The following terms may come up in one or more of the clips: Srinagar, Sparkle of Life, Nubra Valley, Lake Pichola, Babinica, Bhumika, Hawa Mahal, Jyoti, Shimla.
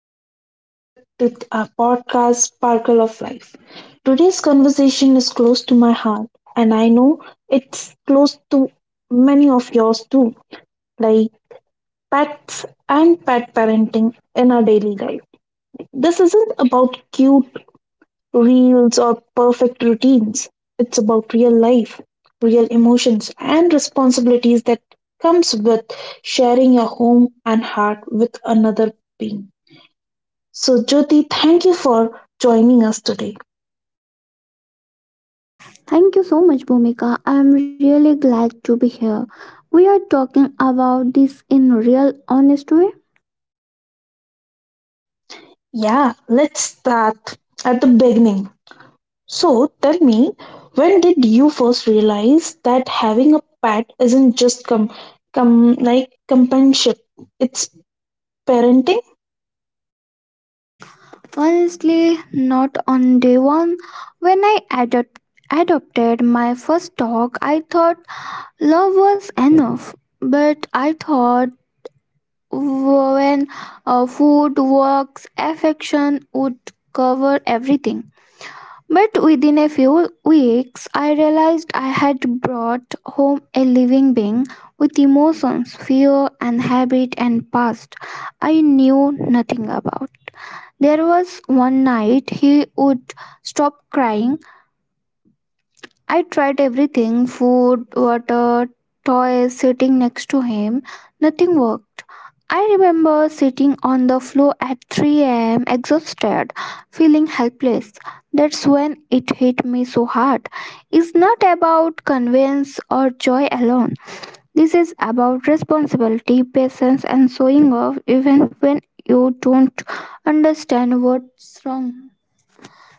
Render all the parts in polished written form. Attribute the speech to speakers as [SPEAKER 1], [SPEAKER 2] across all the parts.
[SPEAKER 1] and welcome back to our podcast Sparkle of Life. Today's conversation is close to my heart, and I know it's close to many of yours too, like pets and pet parenting in our daily life. This isn't about cute reels or perfect routines, it's about real life, real emotions, and responsibilities that comes with sharing your home and heart with another being. So, Jyoti, thank you for joining us today.
[SPEAKER 2] Thank you so much, Bhumika. I am really glad to be here. We are talking about this in real honest way.
[SPEAKER 1] Yeah, let's start at the beginning. So, tell me, when did you first realize that having a pet isn't just com, com like companionship, it's parenting?
[SPEAKER 2] Honestly, not on day one. When adopted my first dog, I thought love was enough. But I thought when food, works, affection would cover everything. But within a few weeks, I realized I had brought home a living being with emotions, fear, and habit and past I knew nothing about. There was one night he would stop crying. I tried everything: food, water, toys, sitting next to him. Nothing worked. I remember sitting on the floor at 3 a.m., exhausted, feeling helpless. That's when it hit me so hard. It's not about convenience or joy alone. This is about responsibility, patience, and showing off even when you don't understand what's wrong.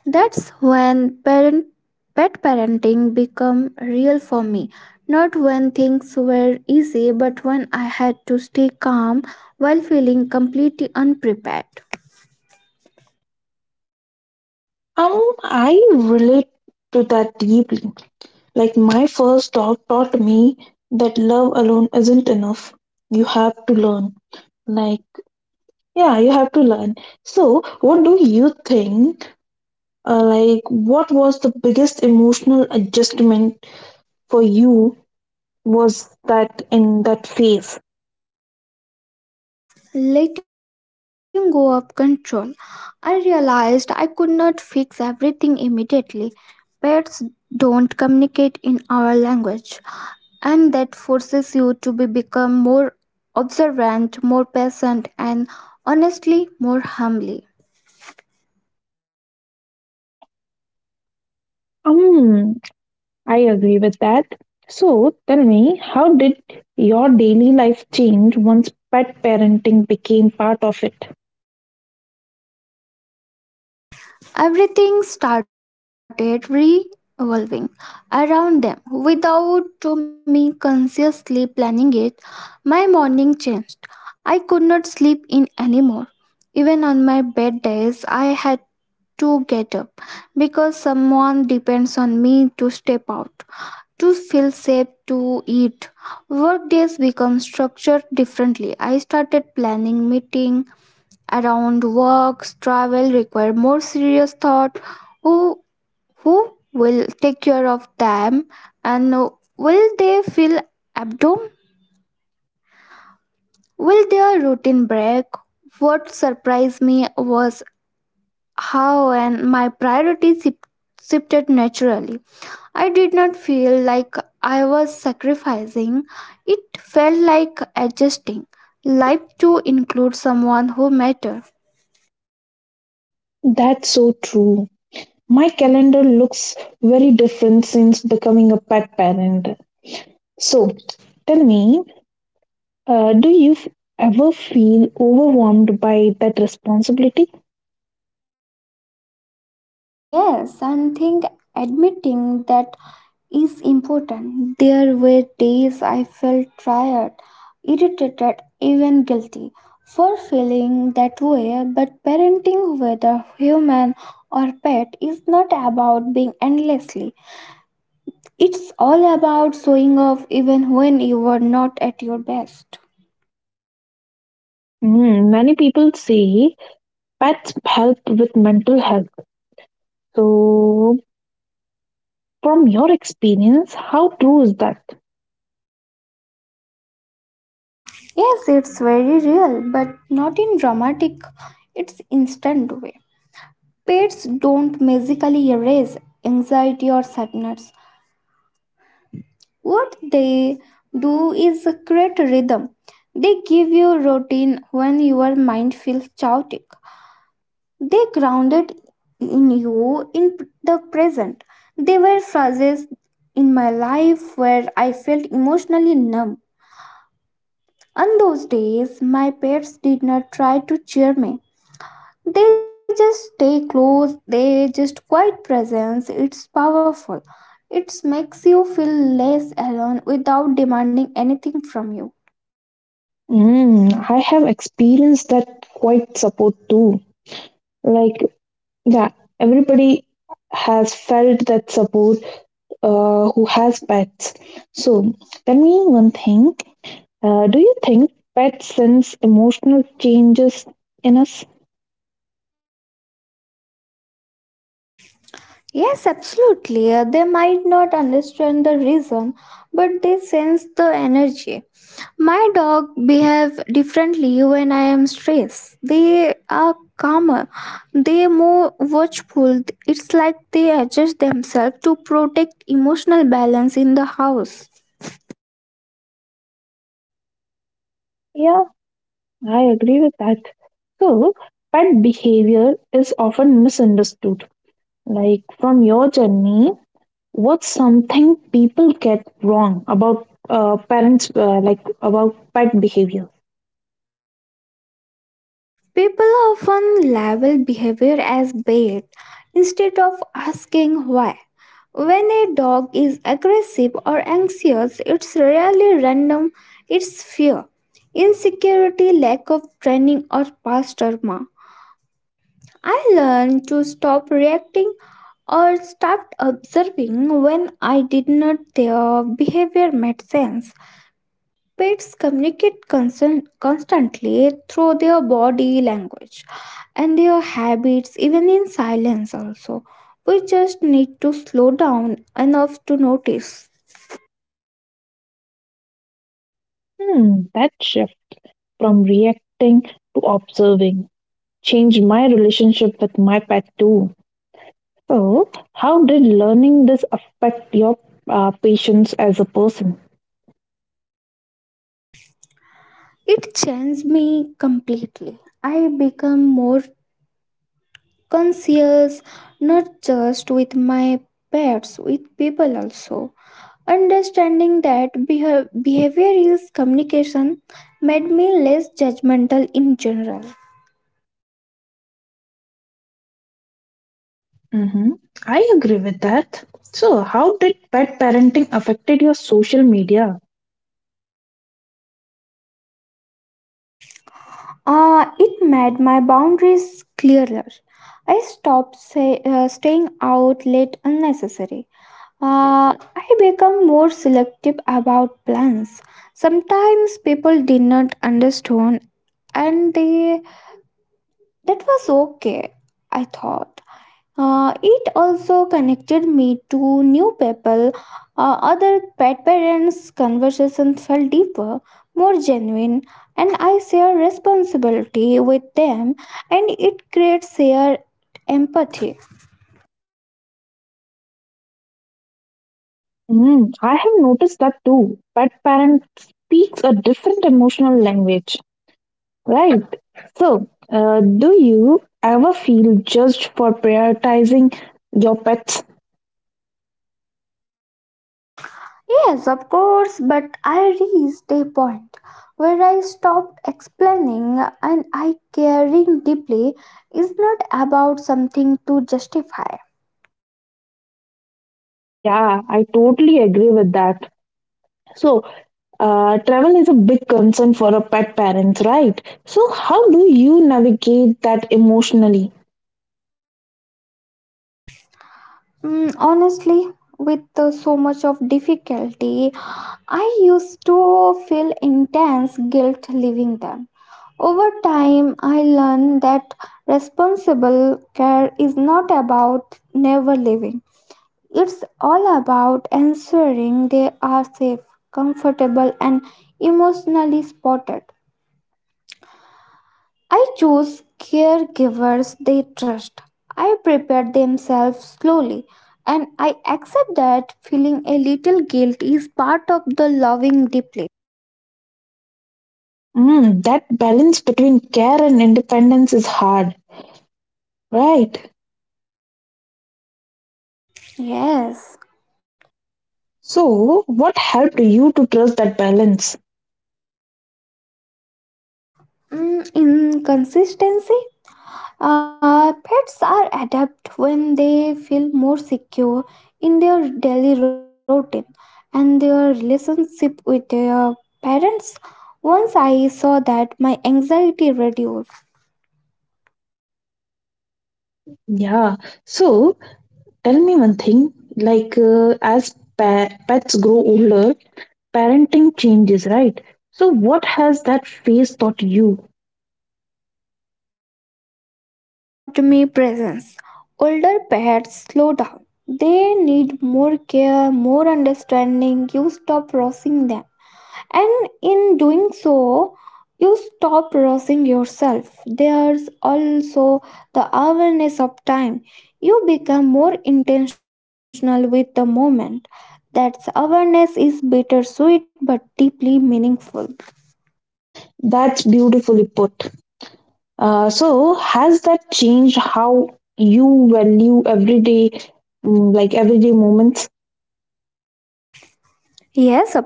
[SPEAKER 2] That's when parent pet parenting become real for me. Not when things were easy, but when I had to stay calm while feeling completely unprepared.
[SPEAKER 1] I relate to that deeply. Like my first dog taught me that love alone isn't enough. You have to learn. Like, yeah, you have to learn. So, what do you think? Like, what was the biggest emotional adjustment for you was that in that phase?
[SPEAKER 2] Letting go of control, I realized I could not fix everything immediately. Pets don't communicate in our language, and that forces you to be become more observant, more patient, and honestly more humbly.
[SPEAKER 1] Yeah. Um, I agree with that. So tell me, how did your daily life change once pet parenting became part of it?
[SPEAKER 2] Everything started revolving around them. Without to me consciously planning it, my morning changed. I could not sleep in anymore. Even on my bad days, I had to get up because someone depends on me to step out, to feel safe, to eat. Work days become structured differently. I started planning meeting around works, travel require more serious thought. Oh, who will take care of them? And will they feel abdomen? Will their routine break? What surprised me was how and my priorities shifted naturally. I did not feel like I was sacrificing. It felt like adjusting life to include someone who mattered.
[SPEAKER 1] That's so true. My calendar looks very different since becoming a pet parent. So tell me, uh, do you f- ever feel overwhelmed by that responsibility?
[SPEAKER 2] Yes, and think admitting that is important. There were days I felt tired, irritated, even guilty for feeling that way, but parenting, whether human or pet, is not about being endlessly. It's all about showing off even when you were not at your best.
[SPEAKER 1] Mm, many people say pets help with mental health. So, from your experience, how true is that?
[SPEAKER 2] Yes, it's very real, but not in dramatic, it's instant way. Pets don't magically erase anxiety or sadness. What they do is create rhythm. They give you routine when your mind feels chaotic. They grounded in you in the present. They were phrases in my life where I felt emotionally numb. On those days, my pets did not try to cheer me. They just stay close, they just quiet presence. It's powerful. It makes you feel less alone without demanding anything from you.
[SPEAKER 1] Mm, I have experienced that quite support too. Like, yeah, everybody has felt that support who has pets. So, tell me one thing. Do you think pets sense emotional changes in us?
[SPEAKER 2] Yes, absolutely. They might not understand the reason, but they sense the energy. My dog behave differently when I am stressed. They are calmer. They more watchful. It's like they adjust themselves to protect emotional balance in the house.
[SPEAKER 1] Yeah, I agree with that. So, pet behavior is often misunderstood. Like from your journey, what's something people get wrong about parents, like about pet behavior?
[SPEAKER 2] People often label behavior as bad instead of asking why. When a dog is aggressive or anxious, it's rarely random, it's fear, insecurity, lack of training, or past trauma. I learned to stop reacting or start observing when I did not their behavior made sense. Pets communicate constantly through their body language and their habits, even in silence, also. We just need to slow down enough to notice.
[SPEAKER 1] Hmm, that shift from reacting to observing changed my relationship with my pet too. So, how did learning this affect your patience as a person?
[SPEAKER 2] It changed me completely. I become more conscious, not just with my pets, with people also. Understanding that behavior is communication made me less judgmental in general.
[SPEAKER 1] Hmm, I agree with that. So, how did pet parenting affected your social media?
[SPEAKER 2] It made my boundaries clearer. I stopped staying out late unnecessary. Uh, I become more selective about plans. Sometimes people did not understand, and they that was okay, I thought. It also connected me to new people, other pet parents. Conversations felt deeper, more genuine, and I share responsibility with them, and it creates shared empathy.
[SPEAKER 1] Mm, I have noticed that too. Pet parent speaks a different emotional language, right? So, do you ever feel judged for prioritizing your pets?
[SPEAKER 2] Yes, of course, but I reached a point where I stopped explaining, and I caring deeply is not about something to justify.
[SPEAKER 1] Yeah, I totally agree with that. So, travel is a big concern for a pet parent, right? So, how do you navigate that emotionally?
[SPEAKER 2] Mm, honestly, with so much of difficulty. I used to feel intense guilt leaving them. Over time, I learned that responsible care is not about never leaving. It's all about ensuring they are safe, comfortable, and emotionally supported. I chose caregivers they trust. I prepared themselves slowly, and I accept that feeling a little guilt is part of the loving deeply.
[SPEAKER 1] Mm, that balance between care and independence is hard, right?
[SPEAKER 2] Yes.
[SPEAKER 1] So, what helped you to trust that balance?
[SPEAKER 2] Mm, inconsistency. Pets are adept when they feel more secure in their daily routine and their relationship with their parents. Once I saw that, my anxiety reduced.
[SPEAKER 1] Yeah. So tell me one thing, like pets grow older, parenting changes, right? So what has that phase taught you?
[SPEAKER 2] It taught me presence. Older pets slow down. They need more care, more understanding. You stop rushing them. And in doing so, you stop rushing yourself. There's also the awareness of time. You become more intentional with the moment. That awareness is bittersweet but deeply meaningful.
[SPEAKER 1] That's beautifully put. So has that changed how you value everyday, mm, like everyday moments?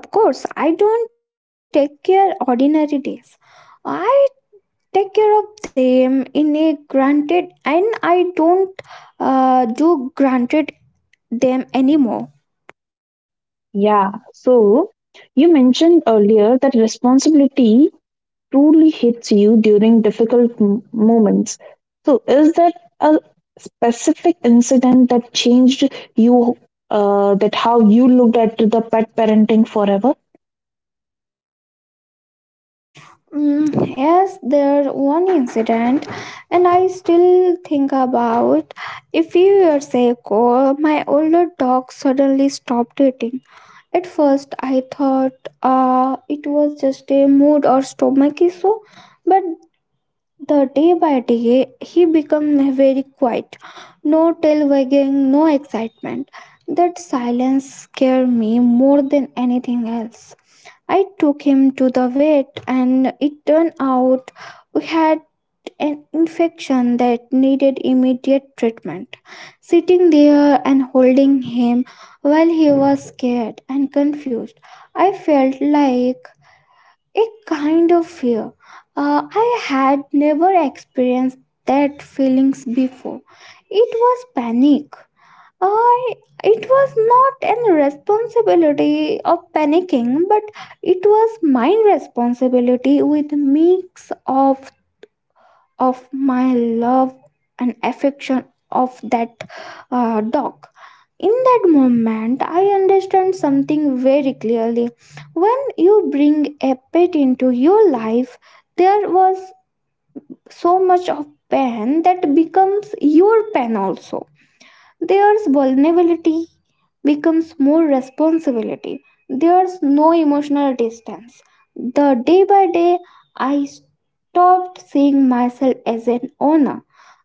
[SPEAKER 2] Yes, of course. I don't take care ordinary days. I take care of them in a granted, and I don't do granted them anymore.
[SPEAKER 1] Yeah. So you mentioned earlier that responsibility truly hits you during moments. So, is there a specific incident that changed you, that how you looked at the pet parenting forever?
[SPEAKER 2] Mm, yes, there one incident, and I still think about. A few years ago, my older dog suddenly stopped eating. At first, I thought it was just a mood or stomach issue, but the day by day, he became very quiet. No tail wagging, no excitement. That silence scared me more than anything else. I took him to the vet, and it turned out we had an infection that needed immediate treatment. Sitting there and holding him while he was scared and confused, I felt like a kind of fear. I had never experienced that feelings before. It was panic, I it was not an responsibility of panicking, but it was my responsibility with mix of my love and affection of that dog. In that moment, I understand something very clearly. When you bring a pet into your life, there was so much of pain that becomes your pain also. There's vulnerability becomes more responsibility. There's no emotional distance. The day by day, I stopped seeing myself as an owner.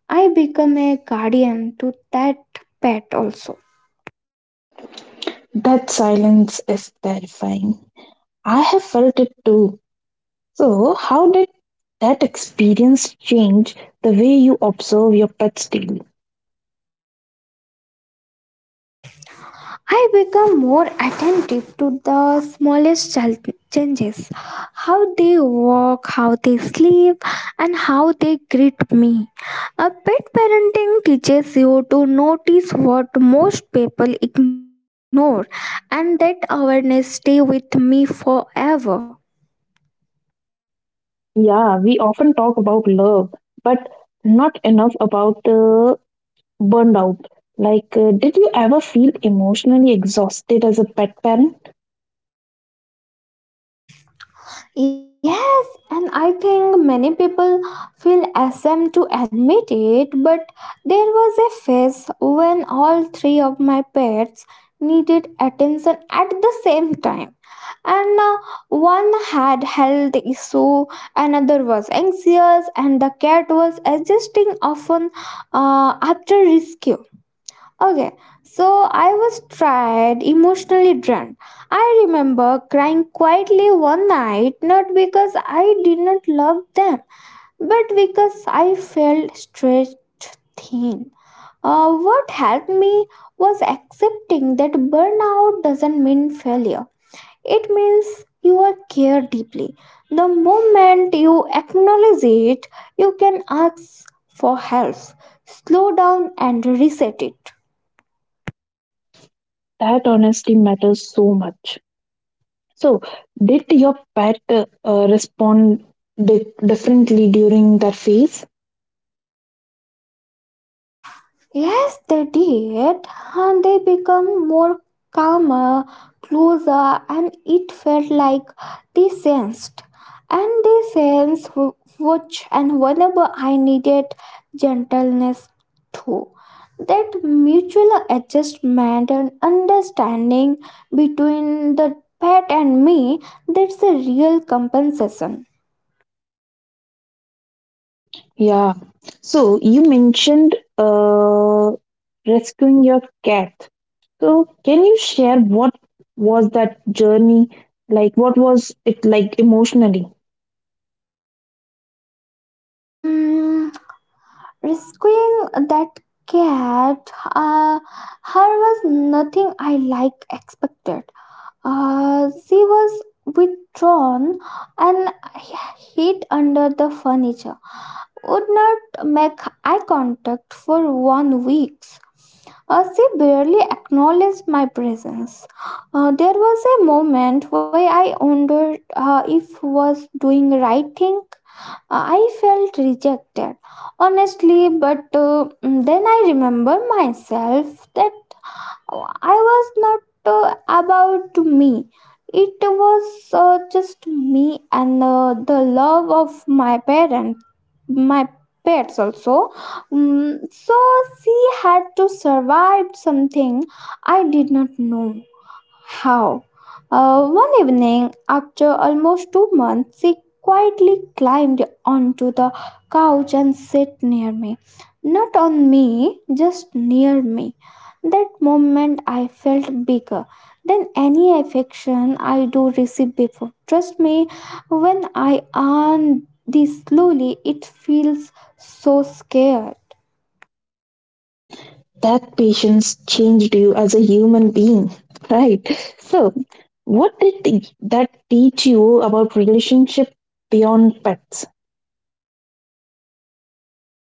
[SPEAKER 2] I become a guardian to that pet also.
[SPEAKER 1] That silence is terrifying. I have felt it too. So, how did that experience change the way you observe your pets daily?
[SPEAKER 2] I become more attentive to the smallest changes, how they walk, how they sleep, and how they greet me. A pet parenting teaches you to notice what most people ignore, and that awareness stay with me forever.
[SPEAKER 1] Yeah, we often talk about love, but not enough about burned out. Like, did you ever feel emotionally exhausted as a pet parent?
[SPEAKER 2] Yes, and I think many people feel ashamed to admit it, but there was a phase when all three of my pets needed attention at the same time. And one had health issue, another was anxious, and the cat was adjusting often after rescue. Okay, so I was tired, emotionally drained. I remember crying quietly one night, not because I did not love them, but because I felt stretched thin. What helped me was accepting that burnout doesn't mean failure. It means you are cared deeply. The moment you acknowledge it, you can ask for help, slow down, and reset it.
[SPEAKER 1] That honestly matters so much. So, did your pet respond differently during that phase?
[SPEAKER 2] Yes, they did, and they become more calmer, closer, and it felt like they sensed. And they sensed which and whenever I needed gentleness too. That mutual adjustment and understanding between the pet and me, that's a real compensation.
[SPEAKER 1] Yeah. So, you mentioned rescuing your cat. So, can you share what was that journey like? What was it like emotionally?
[SPEAKER 2] Mm, rescuing that cat, her was nothing I like expected. She was withdrawn and hid under the furniture. Would not make eye contact for 1 weeks. She barely acknowledged my presence. There was a moment where I wondered if was doing right thing. I felt rejected, honestly, but then I remember myself that I was not about me. It was just me and the love of my parents, my pets also. Mm, so she had to survive something I did not know. How? One evening, after almost 2 months, she quietly climbed onto the couch and sat near me. Not on me, just near me. That moment, I felt bigger than any affection I do receive before. Trust me, when I earn this slowly, it feels so scared.
[SPEAKER 1] That patience changed you as a human being, right? So, what did the, that teach you about relationship beyond pets?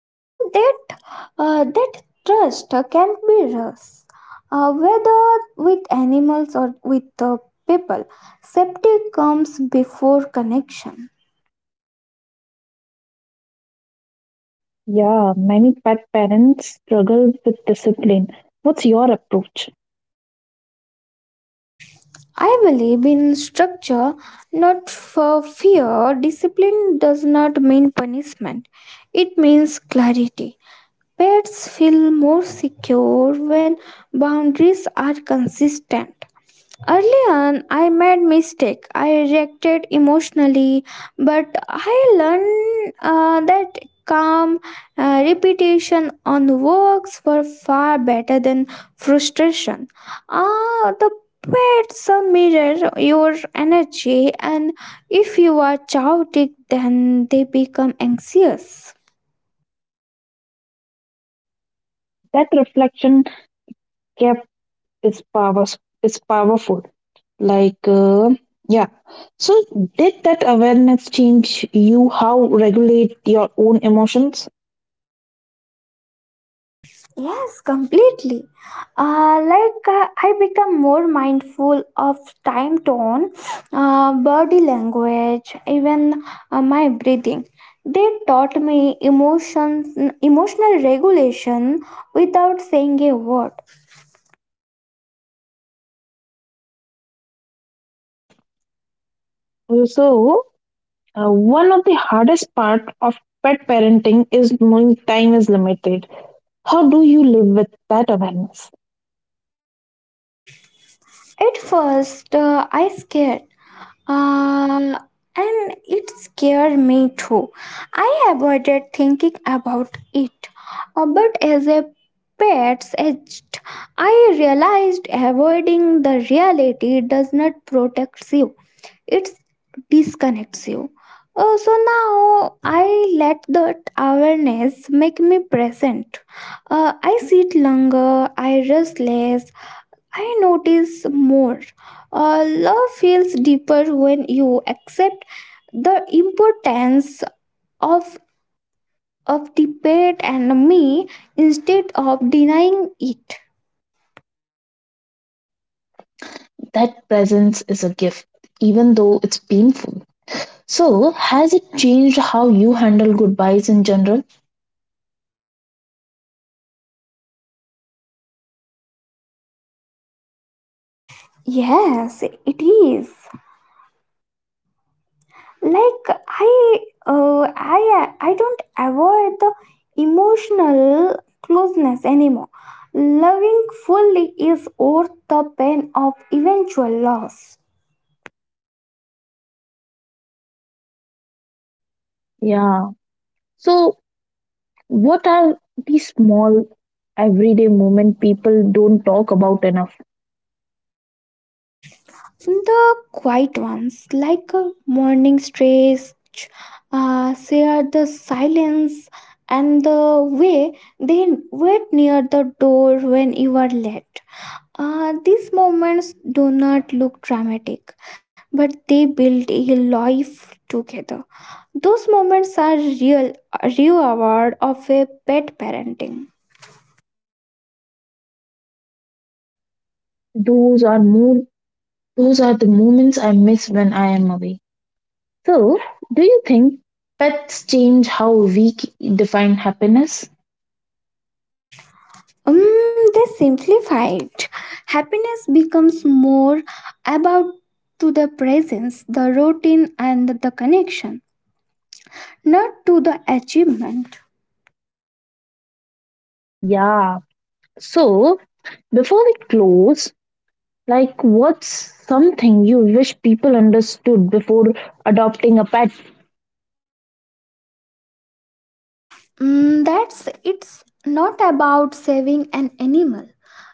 [SPEAKER 2] Ah, that trust can be lost whether with animals or with the people. Safety comes before connection.
[SPEAKER 1] Yeah, many pet parents struggle with discipline. What's your approach?
[SPEAKER 2] I believe in structure, not for fear. Discipline does not mean punishment, it means clarity. Pets feel more secure when boundaries are consistent. Early on, I made mistake. I reacted emotionally, but I learned that calm repetition on works were far better than frustration. Ah, the pets mirror your energy, and if you are chaotic, then they become anxious.
[SPEAKER 1] That reflection kept is power is powerful. Like, yeah. So, did that awareness change you how regulate your own emotions?
[SPEAKER 2] Yes, completely. I become more mindful of time tone, body language, even my breathing. They taught me emotional regulation without saying a word.
[SPEAKER 1] Also, one of the hardest part of pet parenting is knowing time is limited. How do you live with that awareness?
[SPEAKER 2] At first, I scared. Uh, and it scared me too. I avoided thinking about it. But as a pet's agent, I realized avoiding the reality does not protect you, it disconnects you. So now I let that awareness make me present. I sit longer, I rest less, I notice more. Love feels deeper when you accept the importance of of debate and me instead of denying it.
[SPEAKER 1] That presence is a gift, even though it's painful. So, has it changed how you handle goodbyes in general?
[SPEAKER 2] Yes, it is. Like I, I don't avoid the emotional closeness anymore. Loving fully is worth the pain of eventual loss.
[SPEAKER 1] Yeah. So, what are the small everyday moment people don't talk about enough?
[SPEAKER 2] The quiet ones, like a morning stretch, share the silence and the way they wait near the door when you are late. These moments do not look dramatic, but they build a life together. Those moments are real, a reward of a pet parenting.
[SPEAKER 1] Those are more those are the moments I miss when I am away. So, do you think pets change how we define happiness?
[SPEAKER 2] Um, they simplified. Happiness becomes more about to the presence, the routine, and the connection, not to the achievement.
[SPEAKER 1] Yeah. So, before we close, like what's something you wish people understood before adopting a pet?
[SPEAKER 2] That's it's not about saving an animal.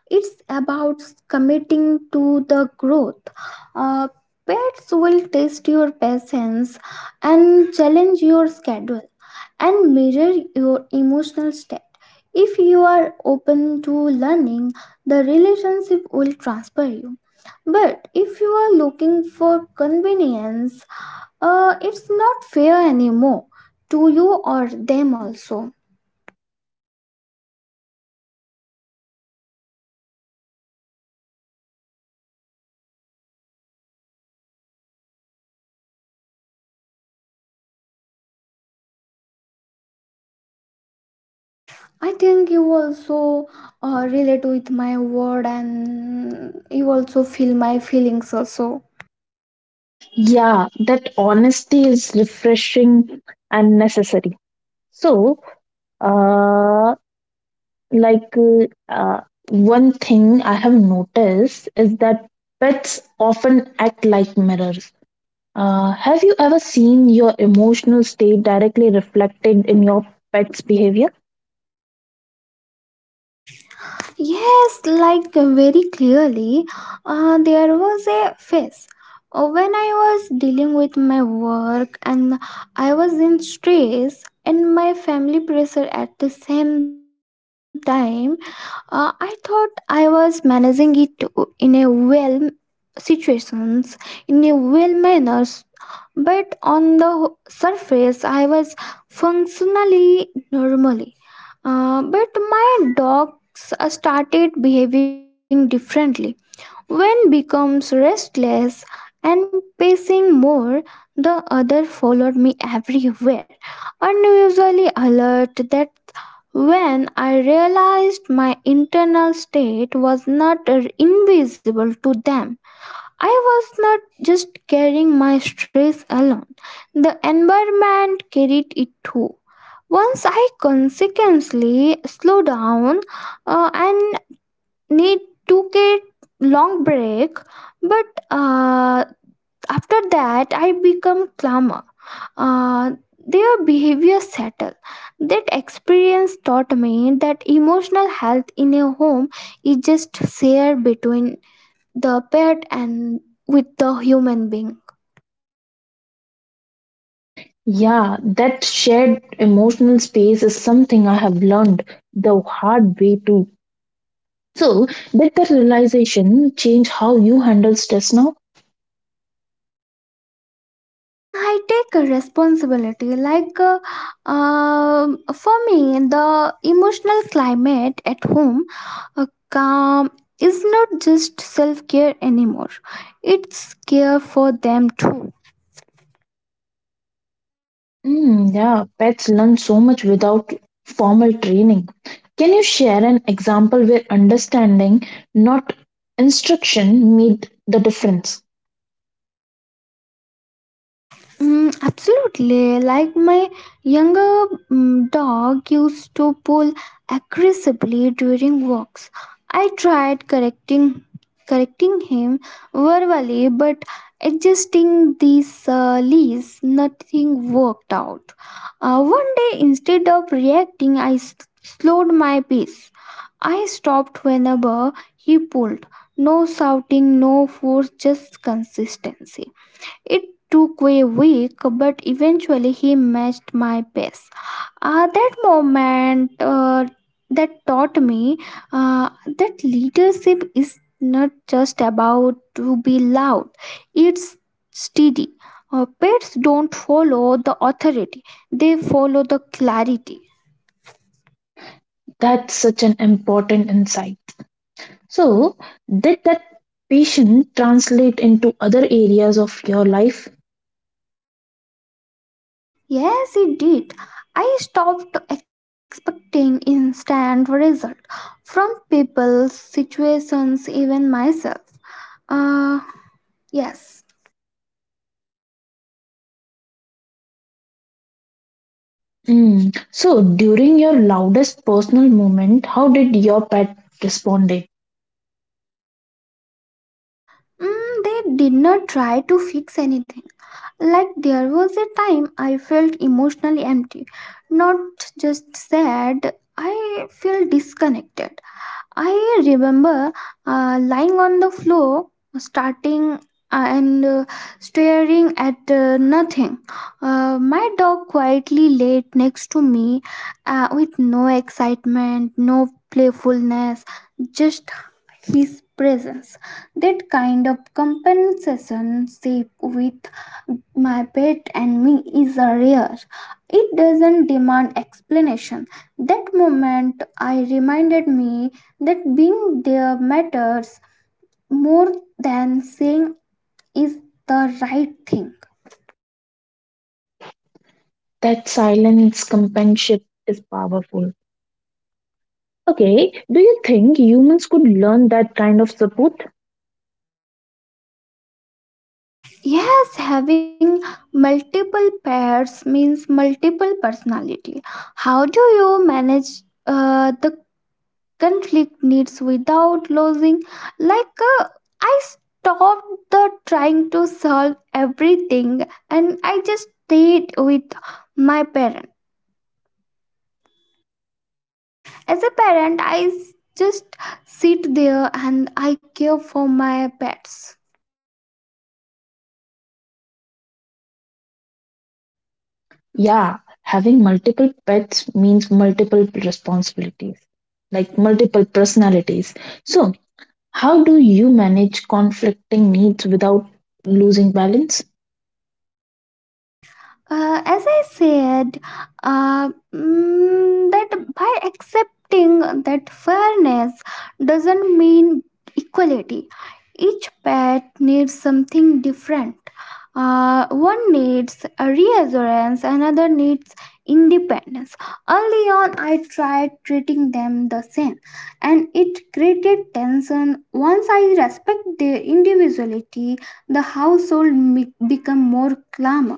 [SPEAKER 2] It's about committing to the growth. Uh, Pets will test your patience and challenge your schedule and measure your emotional state. If you are open to learning, the relationship will transfer you. But if you are looking for convenience, it's not fair anymore to you or them also. I think you also relate with my word and you also feel my feelings also.
[SPEAKER 1] Yeah, that honesty is refreshing and necessary. So, uh, like uh, one thing I have noticed is that pets often act like mirrors. Have you ever seen your emotional state directly reflected in your pet's behavior?
[SPEAKER 2] Yes, like very clearly, there was a phase when I was dealing with my work and I was in stress and my family pressure at the same time. I thought I was managing it in a well situations in a well manners, but on the surface I was functionally normally. But my dogs started behaving differently. One becomes restless and pacing more. The other followed me everywhere, unusually alert. That when I realized my internal state was not invisible to them. I was not just carrying my stress alone, the environment carried it too. Once I consequently slowed down and need took a long break, but uh, after that I become calmer, uh, their behavior settled. That experience taught me that emotional health in a home is just shared between the pet and with the human being.
[SPEAKER 1] Yeah, that shared emotional space is something I have learned the hard way too. So, did the realization change how you handle stress now?
[SPEAKER 2] I take a responsibility. Like for me, the emotional climate at home, calm is not just self care anymore. It's care for them too.
[SPEAKER 1] Mm, yeah, pets learn so much without formal training. Can you share an example where understanding, not instruction, made the difference?
[SPEAKER 2] Absolutely. Like my younger dog used to pull aggressively during walks. I tried correcting him verbally, but adjusting these leash, nothing worked out. One day, instead of reacting, slowed my pace. I stopped whenever he pulled. No shouting, no force, just consistency. It took a week, but eventually he matched my pace. That moment that taught me uh, that leadership is not just about to be loud, it's steady. Pets don't follow the authority, they follow the clarity.
[SPEAKER 1] That's such an important insight. So, did that passion translate into other areas of your life?
[SPEAKER 2] Yes, it did. I stopped expecting instant result from people, situations, even myself. Uh, Yes.
[SPEAKER 1] Mm. So, during your loudest personal moment, how did your pet respond? It?
[SPEAKER 2] They did not try to fix anything. Like there was a time I felt emotionally empty, not just sad. I felt disconnected. I remember lying on the floor, starting and staring at nothing. My dog quietly laid next to me with no excitement, no playfulness, just his presence. That kind of compensation shape with my pet and me is a rare. It doesn't demand explanation. That moment I reminded me that being there matters more than saying is the right thing.
[SPEAKER 1] That silence companionship is powerful. Okay, do you think humans could learn that kind of support?
[SPEAKER 2] Yes, having multiple pairs means multiple personality. How do you manage the conflict needs without losing like I stopped the trying to solve everything and I just stayed with my parent. As a parent just sit there and I care for my pets.
[SPEAKER 1] Yeah, having multiple pets means multiple responsibilities, like multiple personalities. So, how do you manage conflicting needs without losing balance?
[SPEAKER 2] As I said uh, that by accepting that fairness doesn't mean equality, each pet needs something different. One needs a reassurance, another needs independence. Early on, I tried treating them the same, and it created tension. Once I respect their individuality, become more calm.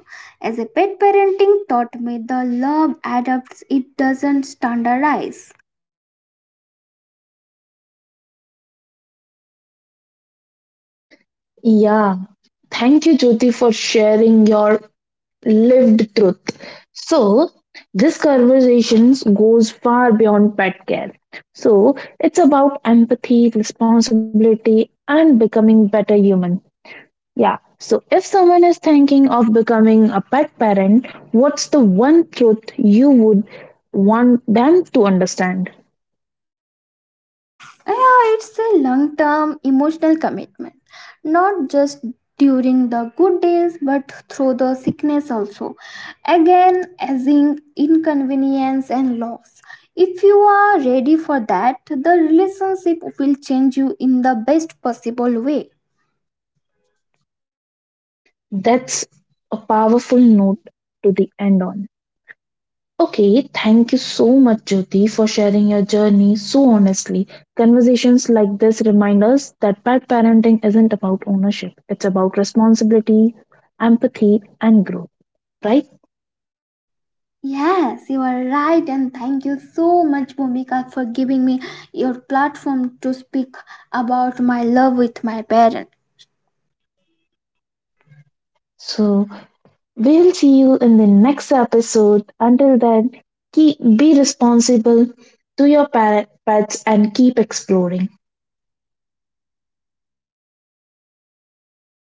[SPEAKER 2] As a pet parenting taught me, the love adapts; it doesn't standardize.
[SPEAKER 1] Yeah, thank you, Jyoti, for sharing your lived truth. So, this conversation goes far beyond pet care. So, it's about empathy, responsibility, and becoming better human. Yeah. So, if someone is thinking of becoming a pet parent, what's the one truth you would want them to understand?
[SPEAKER 2] Yeah, it's a long term emotional commitment, not just during the good days but through the sickness also. Again, as in inconvenience and loss. If you are ready for that, the relationship will change you in the best possible way.
[SPEAKER 1] That's a powerful note to the end on. Okay, thank you so much, Jyoti, for sharing your journey so honestly. Conversations like this remind us that pet parenting isn't about ownership, it's about responsibility, empathy, and growth, right?
[SPEAKER 2] Yes, you are right, and thank you so much, Bhumika, for giving me your platform to speak about my love with my parents.
[SPEAKER 1] So, we'll see you in the next episode. Until then, be responsible to your pets and keep exploring.